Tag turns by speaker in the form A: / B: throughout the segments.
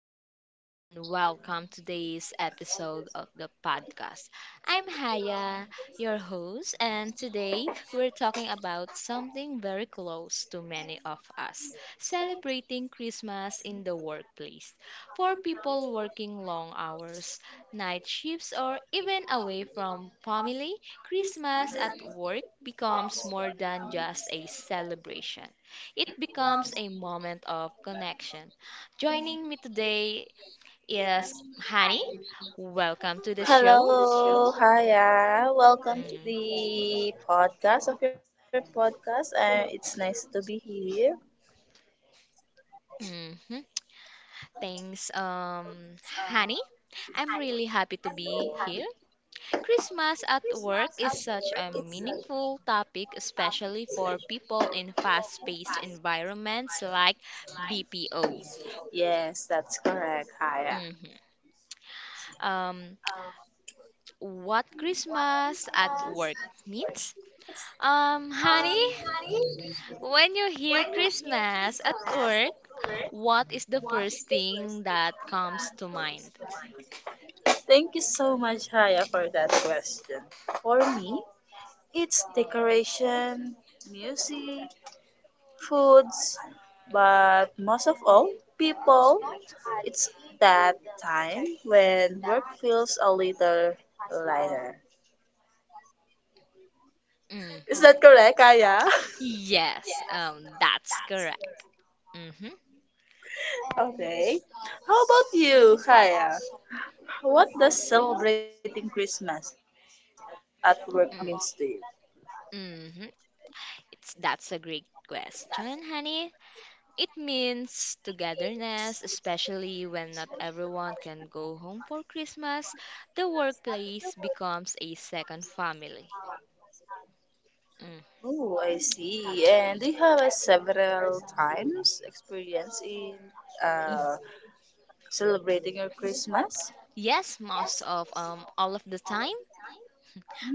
A: everyone, and welcome to today's episode of the podcast. I'm Haya, your host, and today we're talking about something very close to many of us celebrating Christmas in the workplace. For people working long hours, night shifts, or even away from family, Christmas at work becomes more than just a celebration, it becomes a moment of connection. Joining me today is Hani. Welcome to the show.
B: Hello, hiya. Welcome to the podcast of your podcast. It's nice to be here.
A: Mm-hmm. Thanks, Hani. I'm really happy to be here. Christmas at work is such a meaningful topic, especially for people in fast-paced environments like BPO.
B: Yes, that's correct, hiya.
A: Hmm. Um, what Christmas at work means? Honey, when you hear Christmas at work, what is the first thing that comes to mind?
B: Thank you so much, hiya, for that question. For me, it's decoration, music, foods, but most of all, people, it's that time when work feels a little lighter.
A: Mm.
B: Is that correct, Kaya?
A: Yes, that's correct. Mm-hmm.
B: Okay. How about you, Kaya? What does celebrating Christmas at work means to you?
A: Mm, mm-hmm. It's that's a great question, honey. It means togetherness, especially when not everyone can go home for Christmas. The workplace becomes a second family. Mm,
B: Oh, I
A: mm,
B: see. And
A: mm.
B: do you have a several times experience in
A: Y-
B: uh, celebrating your Christmas?
A: Yes, most of all of the time.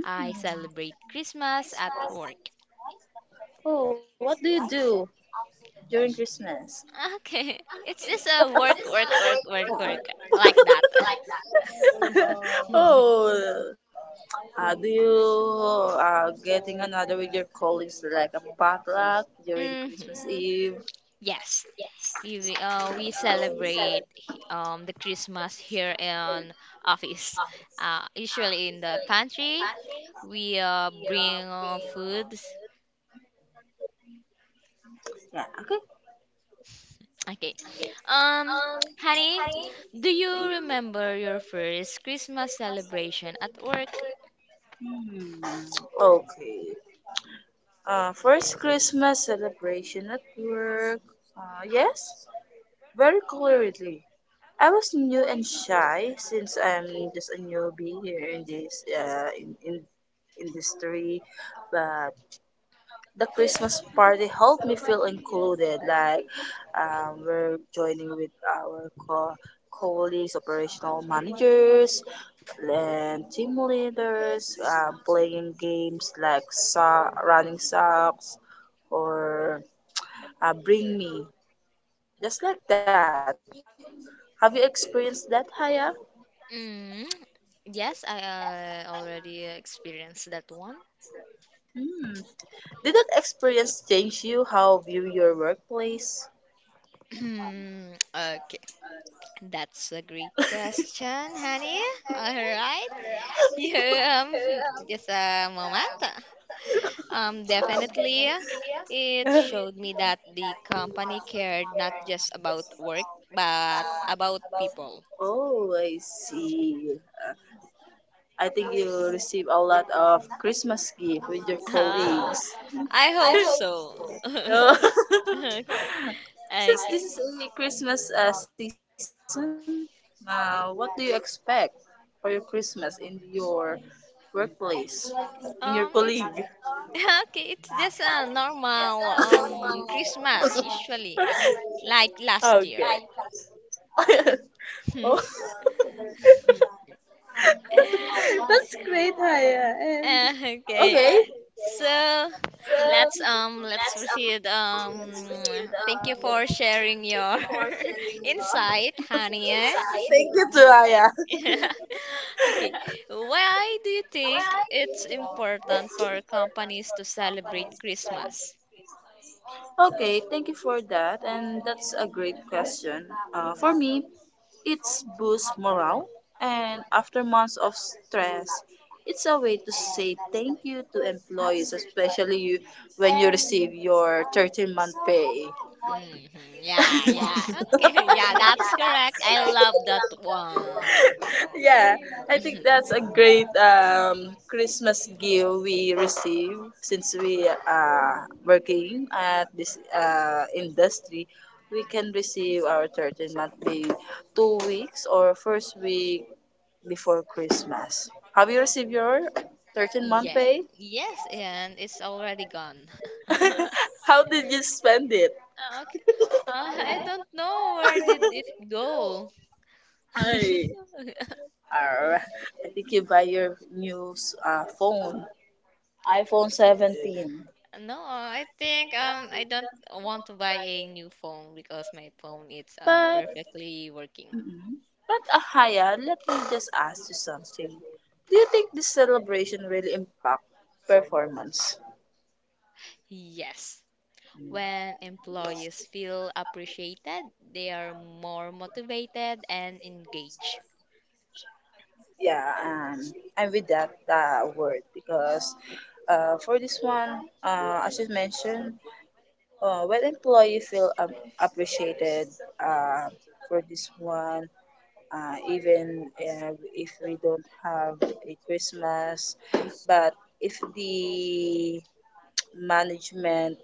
A: I
B: Hmm.
A: celebrate Christmas at work.
B: Oh, what do you do during Christmas?
A: Okay. It's just a work, work, work, work, work. Like that.
B: Oh, do you getting another with your colleagues like a potluck during
A: Hmm.
B: Christmas Eve?
A: Yes, we celebrate the Christmas here in office. Usually in the pantry, we bring foods.
B: Yeah. Okay.
A: Okay. Um, Honey, do you remember your first Christmas celebration at work?
B: Hmm. Okay. First Christmas celebration at work. Yes, very clearly. I was new and shy since I'm just a newbie here in this in industry, but the Christmas party helped me feel included. Like we're joining with our colleagues, operational managers, and team leaders, playing games like running socks, or bring me. Just like that. Have you experienced that, Haya?
A: Mm, yes, I already experienced that one.
B: Hmm. Did that experience change you how view your workplace?
A: Okay, that's a great question, honey. All right. Yeah, um, just a moment. Definitely, it showed me that the company cared not just about work, but about people.
B: Oh, I see. Uh, I think you receive a lot of Christmas gift with your
A: Ah,
B: colleagues.
A: I hope so.
B: Oh.
A: Okay. Okay.
B: Since this is a Christmas season, what do you expect for your Christmas in your workplace, in your colleague?
A: It's Okay, it's just a normal Christmas usually, like last year.
B: okay. Oh, that's great, Haya. And
A: Okay,
B: okay,
A: so let's proceed. Thank you for sharing your insight, honey. Eh?
B: thank you to Haya.
A: Okay, why do you think it's important for companies to celebrate Christmas?
B: Okay, thank you for that, and that's a great question. For me, it's boosts morale, and after months of stress, it's a way to say thank you to employees, especially you, when you receive your 13-month pay.
A: Hmm. Yeah, yeah. Okay, yeah, that's correct. I love that one.
B: Yeah, I think that's a great Christmas gift we receive since we are working at this industry. We can receive our 13-month pay 2 weeks or first week before Christmas. Have you received your 13-month
A: Yeah.
B: pay?
A: Yes, and it's already gone.
B: How did you spend it?
A: Okay. I don't know where did it go.
B: Ay, ar, I think you buy your new phone, iPhone 17.
A: No, I think I don't want to buy a new phone because my phone is
B: But,
A: perfectly working.
B: mm but Ahaya, let me just ask you something. Do you think this celebration really impact performance?
A: Yes. When employees feel appreciated, they are more motivated and engaged.
B: Yeah, I'm with that word because for this one, as you mentioned, when employee feel appreciated uh, for this one, even if we don't have a Christmas, but if the management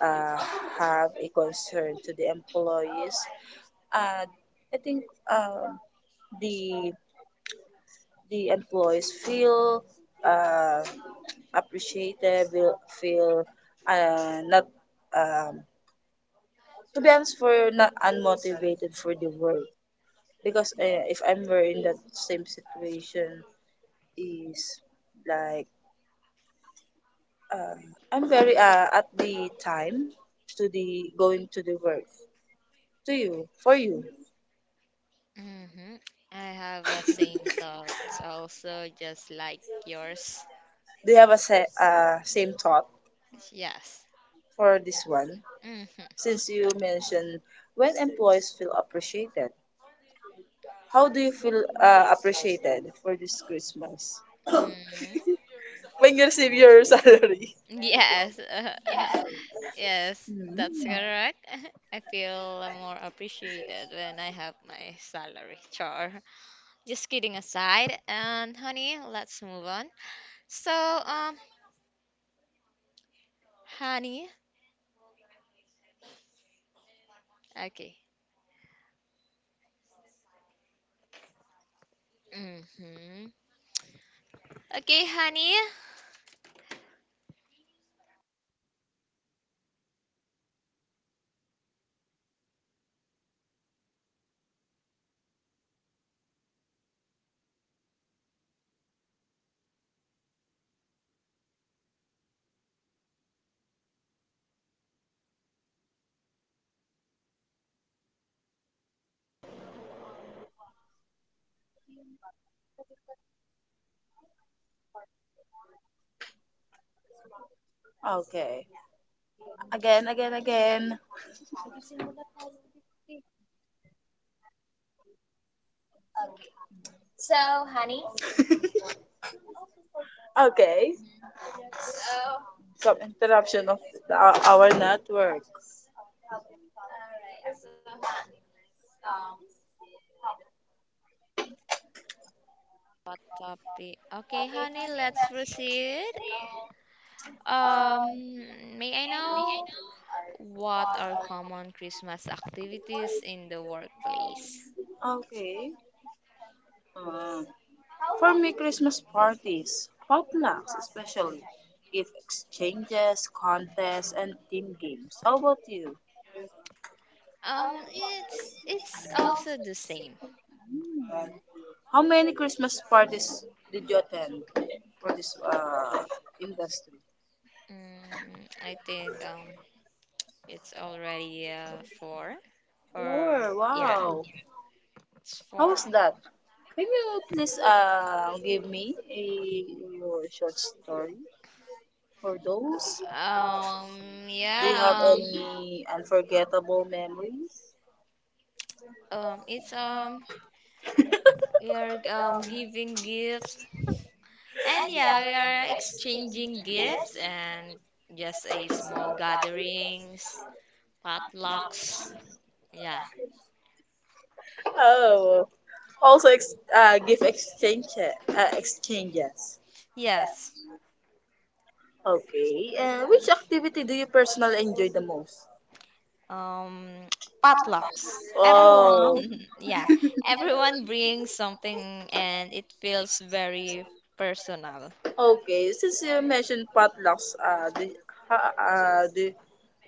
B: uh, have a concern to the employees, uh, I think um, the the employees feel uh, appreciated, will feel not um, to be honest, for not unmotivated for the work because if I'm were in that same situation is like um, I'm very at the time to the going to the work to you for you.
A: Hmm. I have a same thoughts also, just like yours.
B: Do you have a same thought
A: Yes.
B: for this one?
A: Hmm.
B: You mentioned when employees feel appreciated, how do you feel appreciated for this Christmas
A: Hmm.
B: when you receive your salary?
A: Yes. Yes, that's correct. I feel more appreciated when I have my salary char. Just kidding aside, and honey, let's move on. So, honey, okay. Mm-hmm. Okay, honey.
B: Okay. Again, again, again. Okay. Some interruption of our network.
A: What topic? Okay, honey, let's proceed. Um, may I know what are common Christmas activities in the workplace?
B: Okay. Uh, for me, Christmas parties, potlucks especially, gift exchanges, contests, and team games. How about you?
A: It's also the same.
B: Hmm. How many Christmas parties did you attend for this industry?
A: Mm, I think it's already four, or
B: Four.
A: yeah,
B: Wow.
A: it's four.
B: How's that? Can you please give me a your short story for those? Do you have
A: Yeah,
B: any unforgettable memories?
A: it's We are giving gifts, and yeah, we are exchanging gifts and just a small gatherings, potlucks. Yeah.
B: Oh, also gift exchange exchanges.
A: Yes.
B: Okay. Which activity do you personally enjoy the most?
A: Um, potlucks. Everyone,
B: Oh,
A: yeah, everyone brings something and it feels very personal.
B: okay, since you mentioned potlucks, ha, uh, do,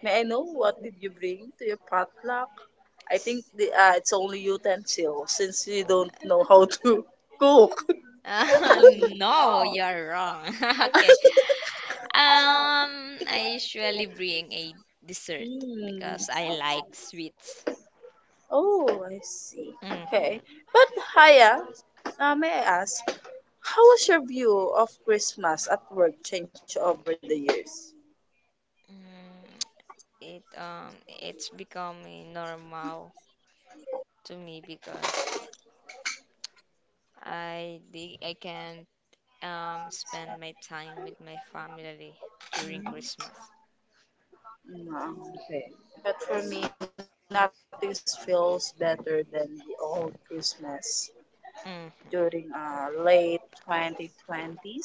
B: may I know what did you bring to your potluck? I
A: S-
B: think the it's only utensil since you don't know how to cook.
A: Uh, no, you're wrong. Okay. I usually bring a dessert
B: Mm.
A: because I like sweets.
B: Oh, I see. Okay,
A: Mm-hmm.
B: but Haya, may I ask, how was your view of Christmas at work changed over the years?
A: Mm, it's becoming normal to me because I can spend my time with my family during Christmas.
B: Mm, okay. But for me, nothing feels better than the old Christmas, during
A: Mm.
B: late 2020s,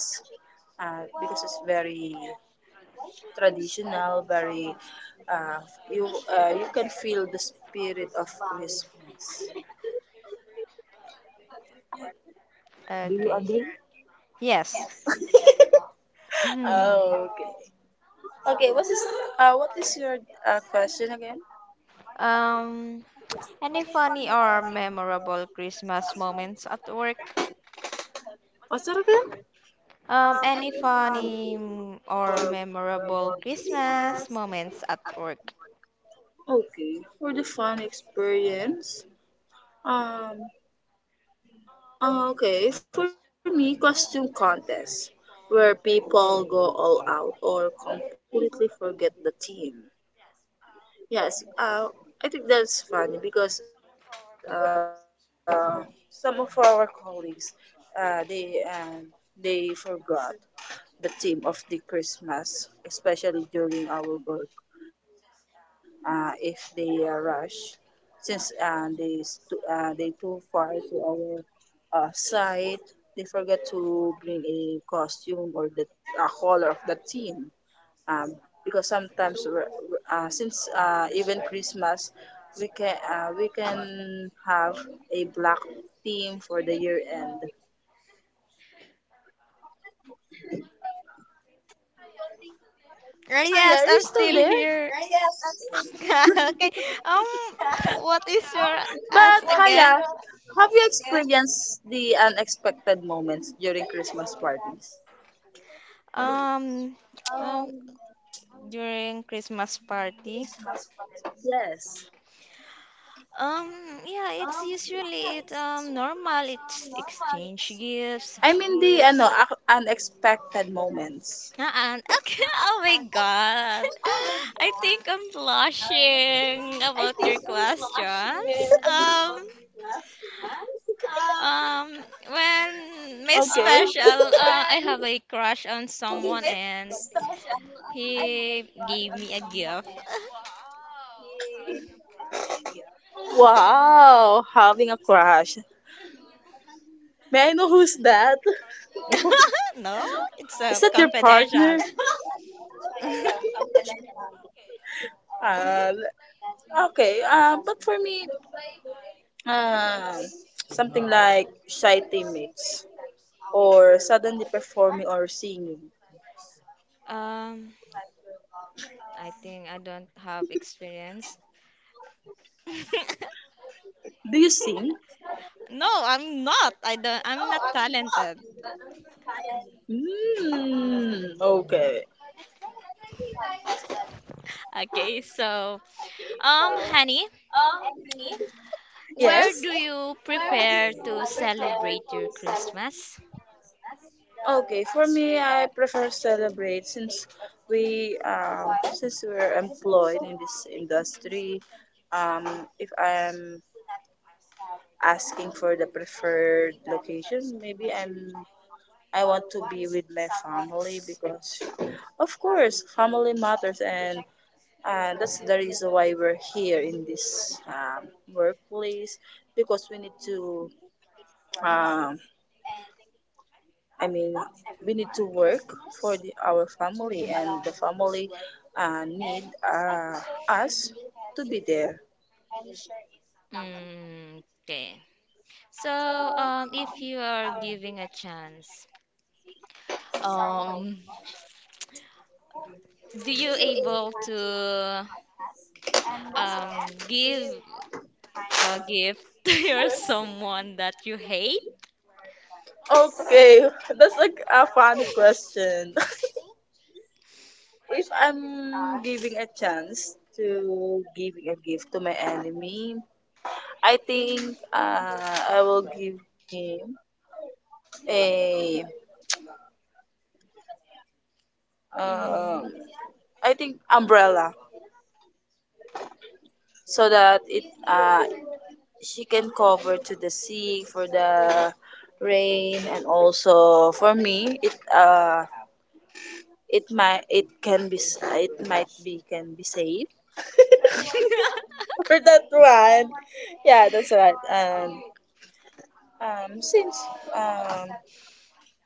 B: uh, because it's very traditional, very, uh, you you can feel the spirit of Christmas. Do you agree?
A: Okay. Yes.
B: Oh,
A: Mhm.
B: okay. Okay, what is your question again?
A: Um, any funny or memorable Christmas moments at work?
B: What's that again?
A: Any funny or memorable Christmas moments at work?
B: Okay. For the fun experience. Um okay, for me costume contest where people go all out or completely forget the team. Yes, I think that's funny because some of our colleagues, uh, they uh, they forgot the theme of the Christmas, especially during our work. If they rush, since they too far to our site, they forget to bring a costume or the a color of the team, um, because sometimes we're, since even Christmas we can we a black theme for the year end. Hiya,
A: Yes,
B: are you
A: I'm
B: still
A: still
B: there?
A: here. Okay. Um, what is your ask
B: But
A: again?
B: Hiya, have you experienced the unexpected moments during Christmas parties?
A: Um, um, During Christmas party.
B: Yes.
A: Um, yeah, it's usually it normal. It's exchange gifts.
B: I mean the unexpected moments.
A: Uh-uh. Okay. Oh my God. I think I'm blushing about your questions. Um, when my
B: Okay.
A: special, I have a crush on someone and he gave me a gift.
B: Wow, having a crush. May I know who's that?
A: No,
B: Is that your
A: it's
B: partner?
A: confidential.
B: Uh, okay. But for me, um, something like shy teammates or suddenly performing or singing.
A: Um. I think I don't have experience.
B: Do you sing?
A: No, I'm not. I don't, I'm not talented.
B: Mm, okay.
A: Okay, so, honey, where do you
B: Yes.
A: prefer to celebrate your Christmas?
B: Okay, for me, I prefer celebrate since we're employed in this industry. Um, if I'm asking for the preferred I want to be with my family because, of course, family matters and that's the reason why we're here in this workplace because we need to um, i mean we need to work for our family and the family need uh, us to be there.
A: Mm, okay. So, if you are giving a chance, um, do you able to um give a gift to your someone that you hate?
B: okay, that's like a funny question. If I'm giving a chance to giving a gift to my enemy, I think I will give him a um,
A: Mm.
B: I think umbrella so that it she can cover to the sea for the rain, and also for me it might it can be s- it might be can be safe for that one. Yeah, that's right, and since um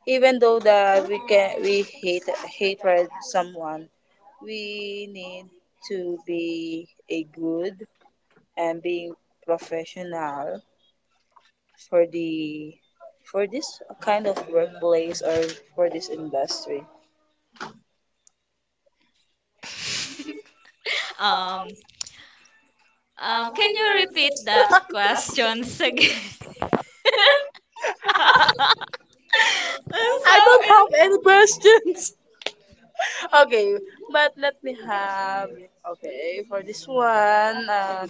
B: even though that we hate hatred someone, we need to be a good and being professional for the for this kind of workplace or for this industry?
A: Um, can you repeat that questions again? I'm
B: I
A: so
B: don't have
A: in-
B: any questions. Okay, but let me have okay for this one.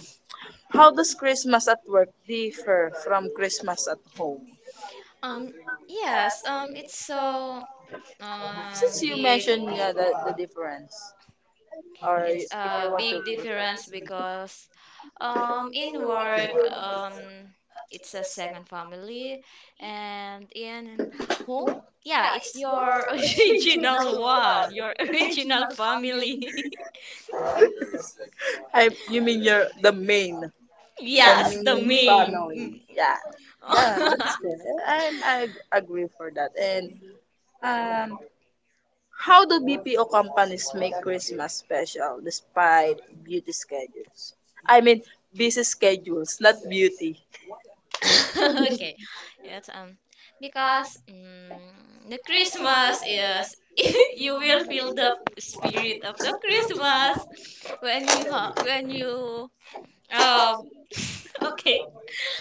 B: How does Christmas at work differ from Christmas at home?
A: um yes, it's so
B: Since you
A: big.
B: mentioned the difference, or
A: It's
B: if you
A: a
B: want to,
A: big difference because in work um it's a second family, and in home, yeah, it's your original one, your original family.
B: I you mean you're the
A: Yes, the
B: main
A: main.
B: family.
A: Mm.
B: Yeah, that's good. I agree for that, and Um, how do BPO companies make Christmas special despite beauty schedules? I mean, busy schedules, not beauty.
A: Okay. Yes, um, because mm, the Christmas is you will feel the spirit of the Christmas when you ha when you um okay,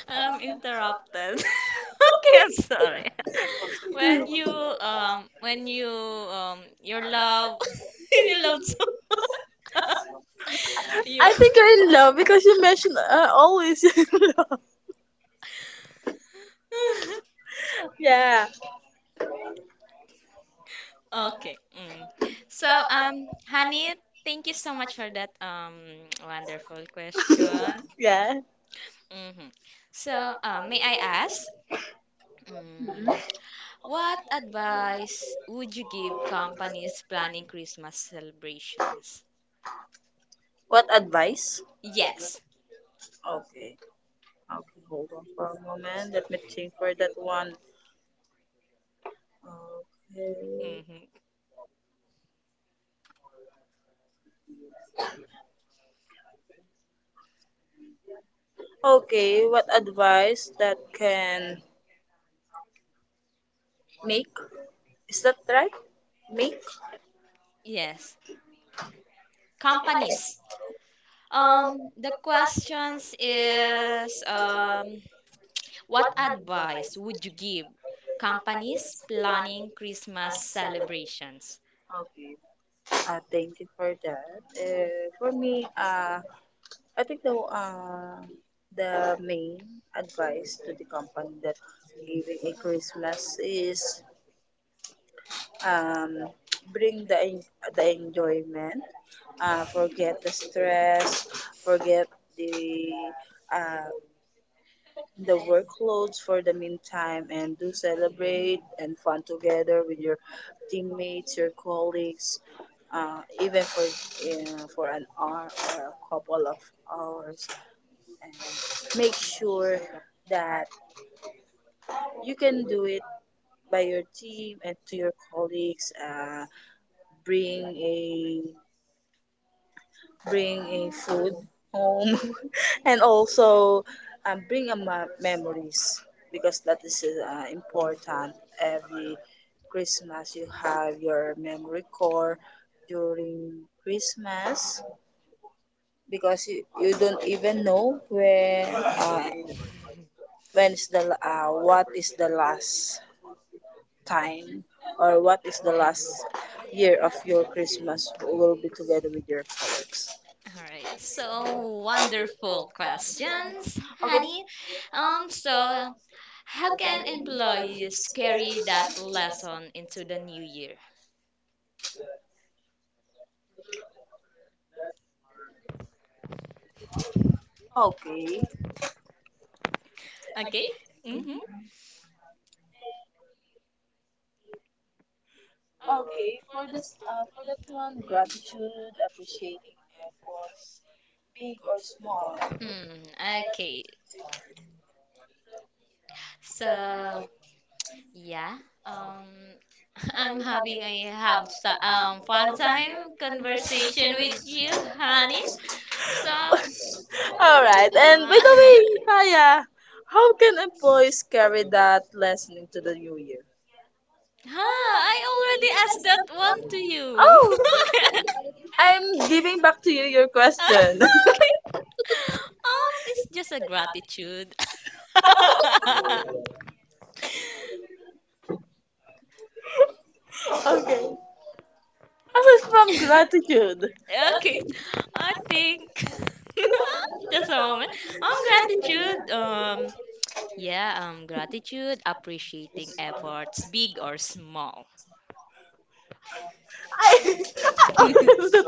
A: I'm interrupted. Okay, I'm sorry. When you when you your love you love so you
B: I think you're in love because you mentioned always in love. Yeah,
A: Okay. Mm. So, honey, thank you so much for that wonderful question.
B: yeah.
A: Hmm. So, may I ask, mm,
B: Mhm.
A: what advice would you give companies planning Christmas celebrations?
B: What advice?
A: Yes.
B: Okay, okay, hold on for a moment. Let me think for that one. Okay.
A: Hmm.
B: Okay, what advice that can make? Is that right? Make?
A: Yes. Companies. The questions is What advice would you give companies planning Christmas celebrations?
B: Okay. Thank you for that. Eh, for me, I think the main advice to the company that giving a Christmas is um, bring the enjoyment, forget the stress, forget the uh, the workloads for the meantime, and do celebrate and fun together with your teammates your colleagues, even for an hour or a couple of hours, and make sure that you can do it by your team and to your colleagues, bring a bring a food home, and also, bring a memories because that is important. Every christmas you have your memory core during christmas because you don't even know where, uh, when is the la- what is the last time or what is the last year of your christmas will be together with your parents.
A: All right. So wonderful questions,
B: okay.
A: honey. Um, so how can employees carry that lesson into the new year?
B: Okay.
A: Okay. Mm-hmm.
B: Okay, for this, for that one, gratitude, appreciating efforts, big or small.
A: Mm, okay. So yeah. Um, I'm having a have so- fun time conversation with you, honey. So,
B: All right. And by
A: uh,
B: the way, Haya, how can employees carry that lesson into the new year?
A: huh, I already asked that one to you. Okay.
B: I'm giving back to you your question.
A: Okay. It's just a gratitude.
B: Okay. Aside from gratitude,
A: Okay, I think just a moment. Gratitude. Yeah. Gratitude, appreciating efforts, big or small.
B: I, I already did
A: Okay,
B: answer.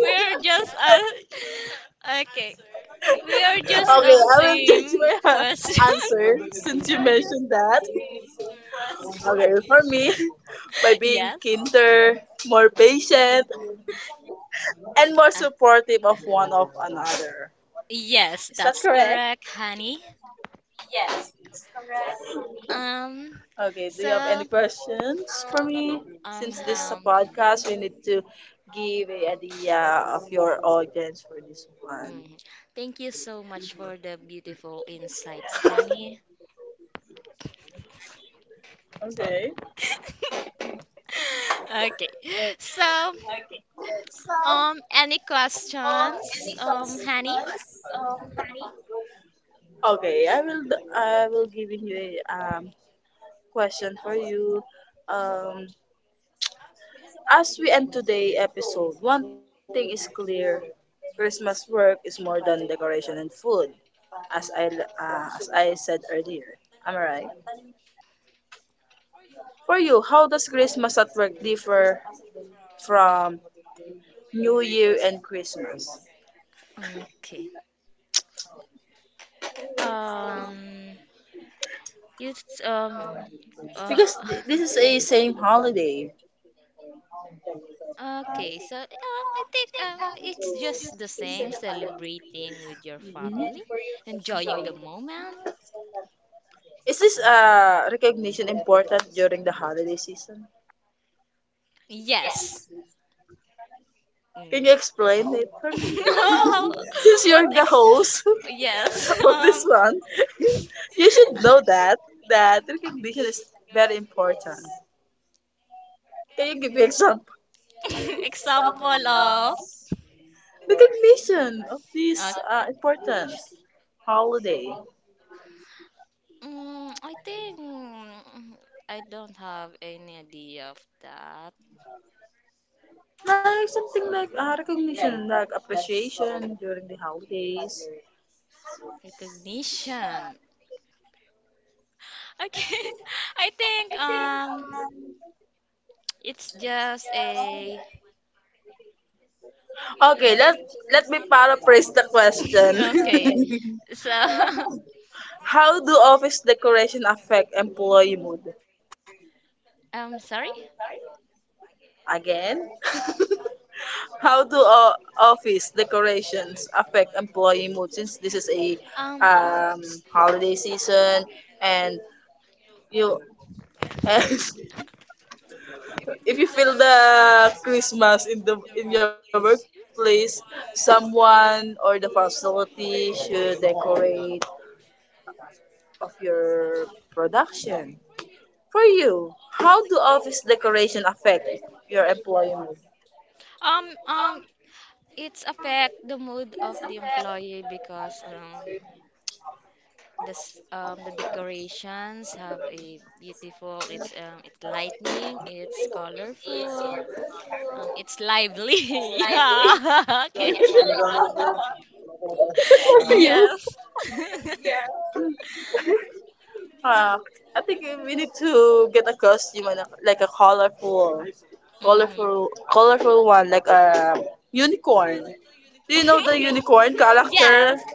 A: we
B: Okay,
A: are just
B: I will judge my
A: okay.
B: answer
A: We
B: since you
A: are just
B: mentioned that.
A: same question.
B: Okay, for me, by being kinder, more patient,
A: Yeah.
B: and more supportive of one of another.
A: Uh,
B: Is that correct?
A: yes, that's correct, honey.
B: Okay, do you have any questions for
A: Um,
B: me? Since this
A: so,
B: is a podcast, we need to
A: um,
B: give a
A: um,
B: idea of your audience for this one.
A: mm, Thank you so much for the beautiful insights, honey.
B: Okay.
A: Okay. So, any questions, honey?
B: Okay, I will give you a question for you. Um as we end today episode, one thing is clear. Christmas work is more than decoration and food, as I as I said earlier. Am I right? For you, how does Christmas at work differ from New Year and Christmas?
A: Okay. Um, you, t- um, uh,
B: Because this is a same holiday.
A: Okay, so I think it's just the same, celebrating with your
B: Mhm.
A: family, enjoying the moment.
B: Is this recognition important during the holiday season?
A: Yes.
B: Can
A: Mm-hmm.
B: you explain it for me? Since
A: What
B: you're the
A: ex
B: host
A: yes.
B: of this one, you should know that recognition is very important. Can you give me example?
A: Example of
B: Recognition of this
A: uh,
B: important holiday.
A: mm, I think mm, I don't have any idea of that.
B: Like something like recognition, like appreciation during the holidays.
A: Recognition. Okay. I think it's just a
B: Okay, let me paraphrase the
A: okay.
B: question.
A: So
B: How do office decoration affect employee mood?
A: sorry.
B: Again? How do office decorations affect employee mood, since this is a
A: Um
B: um, holiday season, and you and if you feel the Christmas in the in your workplace, someone or the facility should decorate of your production. For you, how do office decoration affect your employee mood?
A: um um it's affect the mood of the employee because the decorations have a beautiful, it's lightning, it's colorful, it's lively. Yeah. Okay.
B: What for you?
A: Yes.
B: Uh, I think we need to get a costume and a, like a colorful
A: Hmm.
B: colorful one like a unicorn. Do you know the unicorn character?
A: Yes.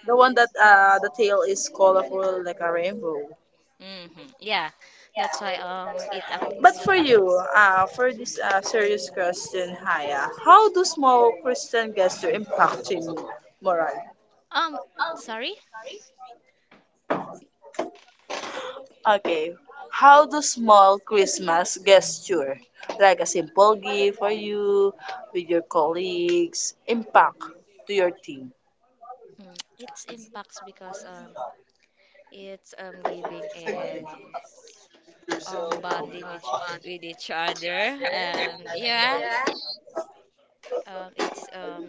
B: The one that the tail is colorful like a rainbow.
A: Hmm. Yeah, that's why it
B: But
A: affects.
B: for you, for this serious question, Haya, how do small Christian gesture impact you moral?
A: um Sorry.
B: Okay. How do small Christmas gesture, like a simple gift for you with your colleagues, impact to your team?
A: Mm, it's impacts because it's giving and bonding with with each other, and yeah. It's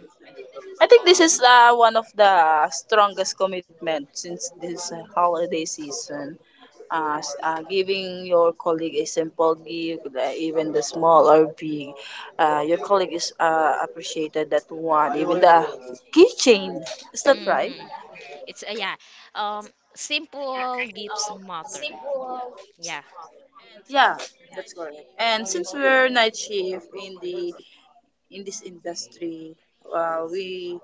B: I think this is one of the strongest commitment since this holiday season. Giving your colleague a simple gift, even the small or big, your colleague is appreciated that one. Even the keychain, is that right?
A: mhm. It's yeah. Um, Simple gifts matter. Yeah.
B: Yeah, that's correct. And since we're night shift in the in this industry, we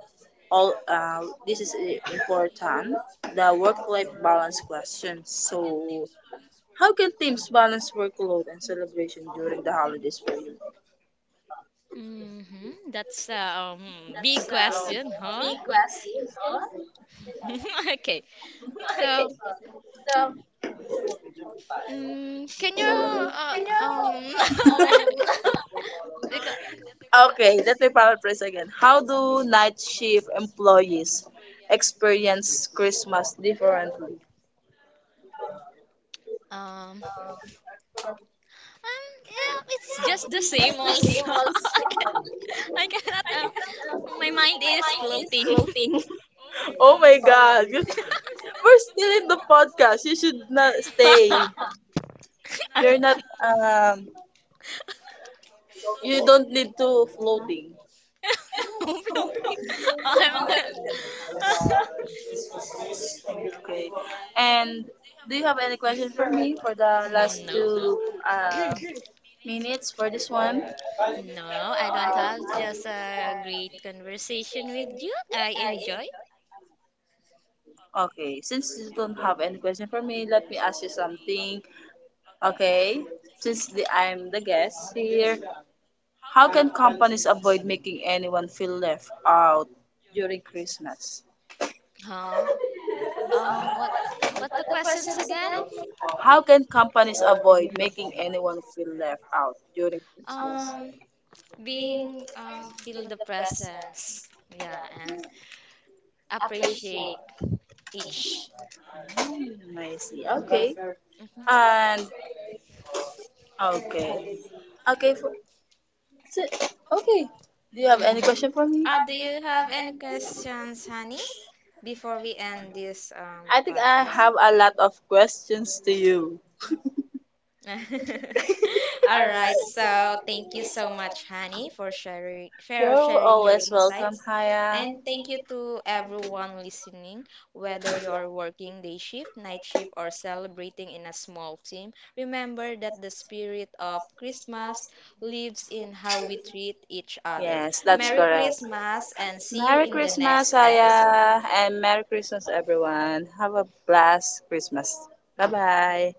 B: all this is important the work life balance question. So how can teams balance workload and celebration during the holidays for you?
A: Mm-hmm. That's a big question, huh? Okay. So, mm, can you uh, um because
B: Okay, let me paraphrase again. How do night shift employees experience Christmas differently?
A: um, um yeah, it's just the same also. I cannot my mind is floating.
B: Oh my god, we're still in the podcast. You should not stay. You're not you don't need to floating.
A: Who blocked you? I'm not.
B: Okay. And do you have any question for me for the last
A: No,
B: two uh minutes for this one?
A: no, I don't have, just a great conversation with you. I enjoy.
B: Okay, since you don't have any question for me, let me ask you something. Okay, since I'm the guest here, how can companies avoid making anyone feel left out during Christmas?
A: Huh? Um, what, what the questions again?
B: How can companies avoid making anyone feel left out during Christmas?
A: Um, Being, feel the presence. Yeah, and appreciate each.
B: Mm, I see. Okay.
A: Mm-hmm.
B: And okay. Okay. For. That's it. Okay. Do you have any
A: Mm-hmm.
B: question for me?
A: Do you have any questions, honey? Before we end this
B: I think I
A: podcast.
B: have a lot of questions to you.
A: All right, so thank you so much, Hani,
B: You're
A: for sharing your
B: always welcome,
A: insights,
B: Haya.
A: and thank you to everyone listening. Whether you are working day shift, night shift, or celebrating in a small team, remember that the spirit of Christmas lives in how we treat each other. Merry Christmas, and see you in the next episode.
B: Aya, and Merry Christmas, everyone. Have a blessed Christmas. Bye bye.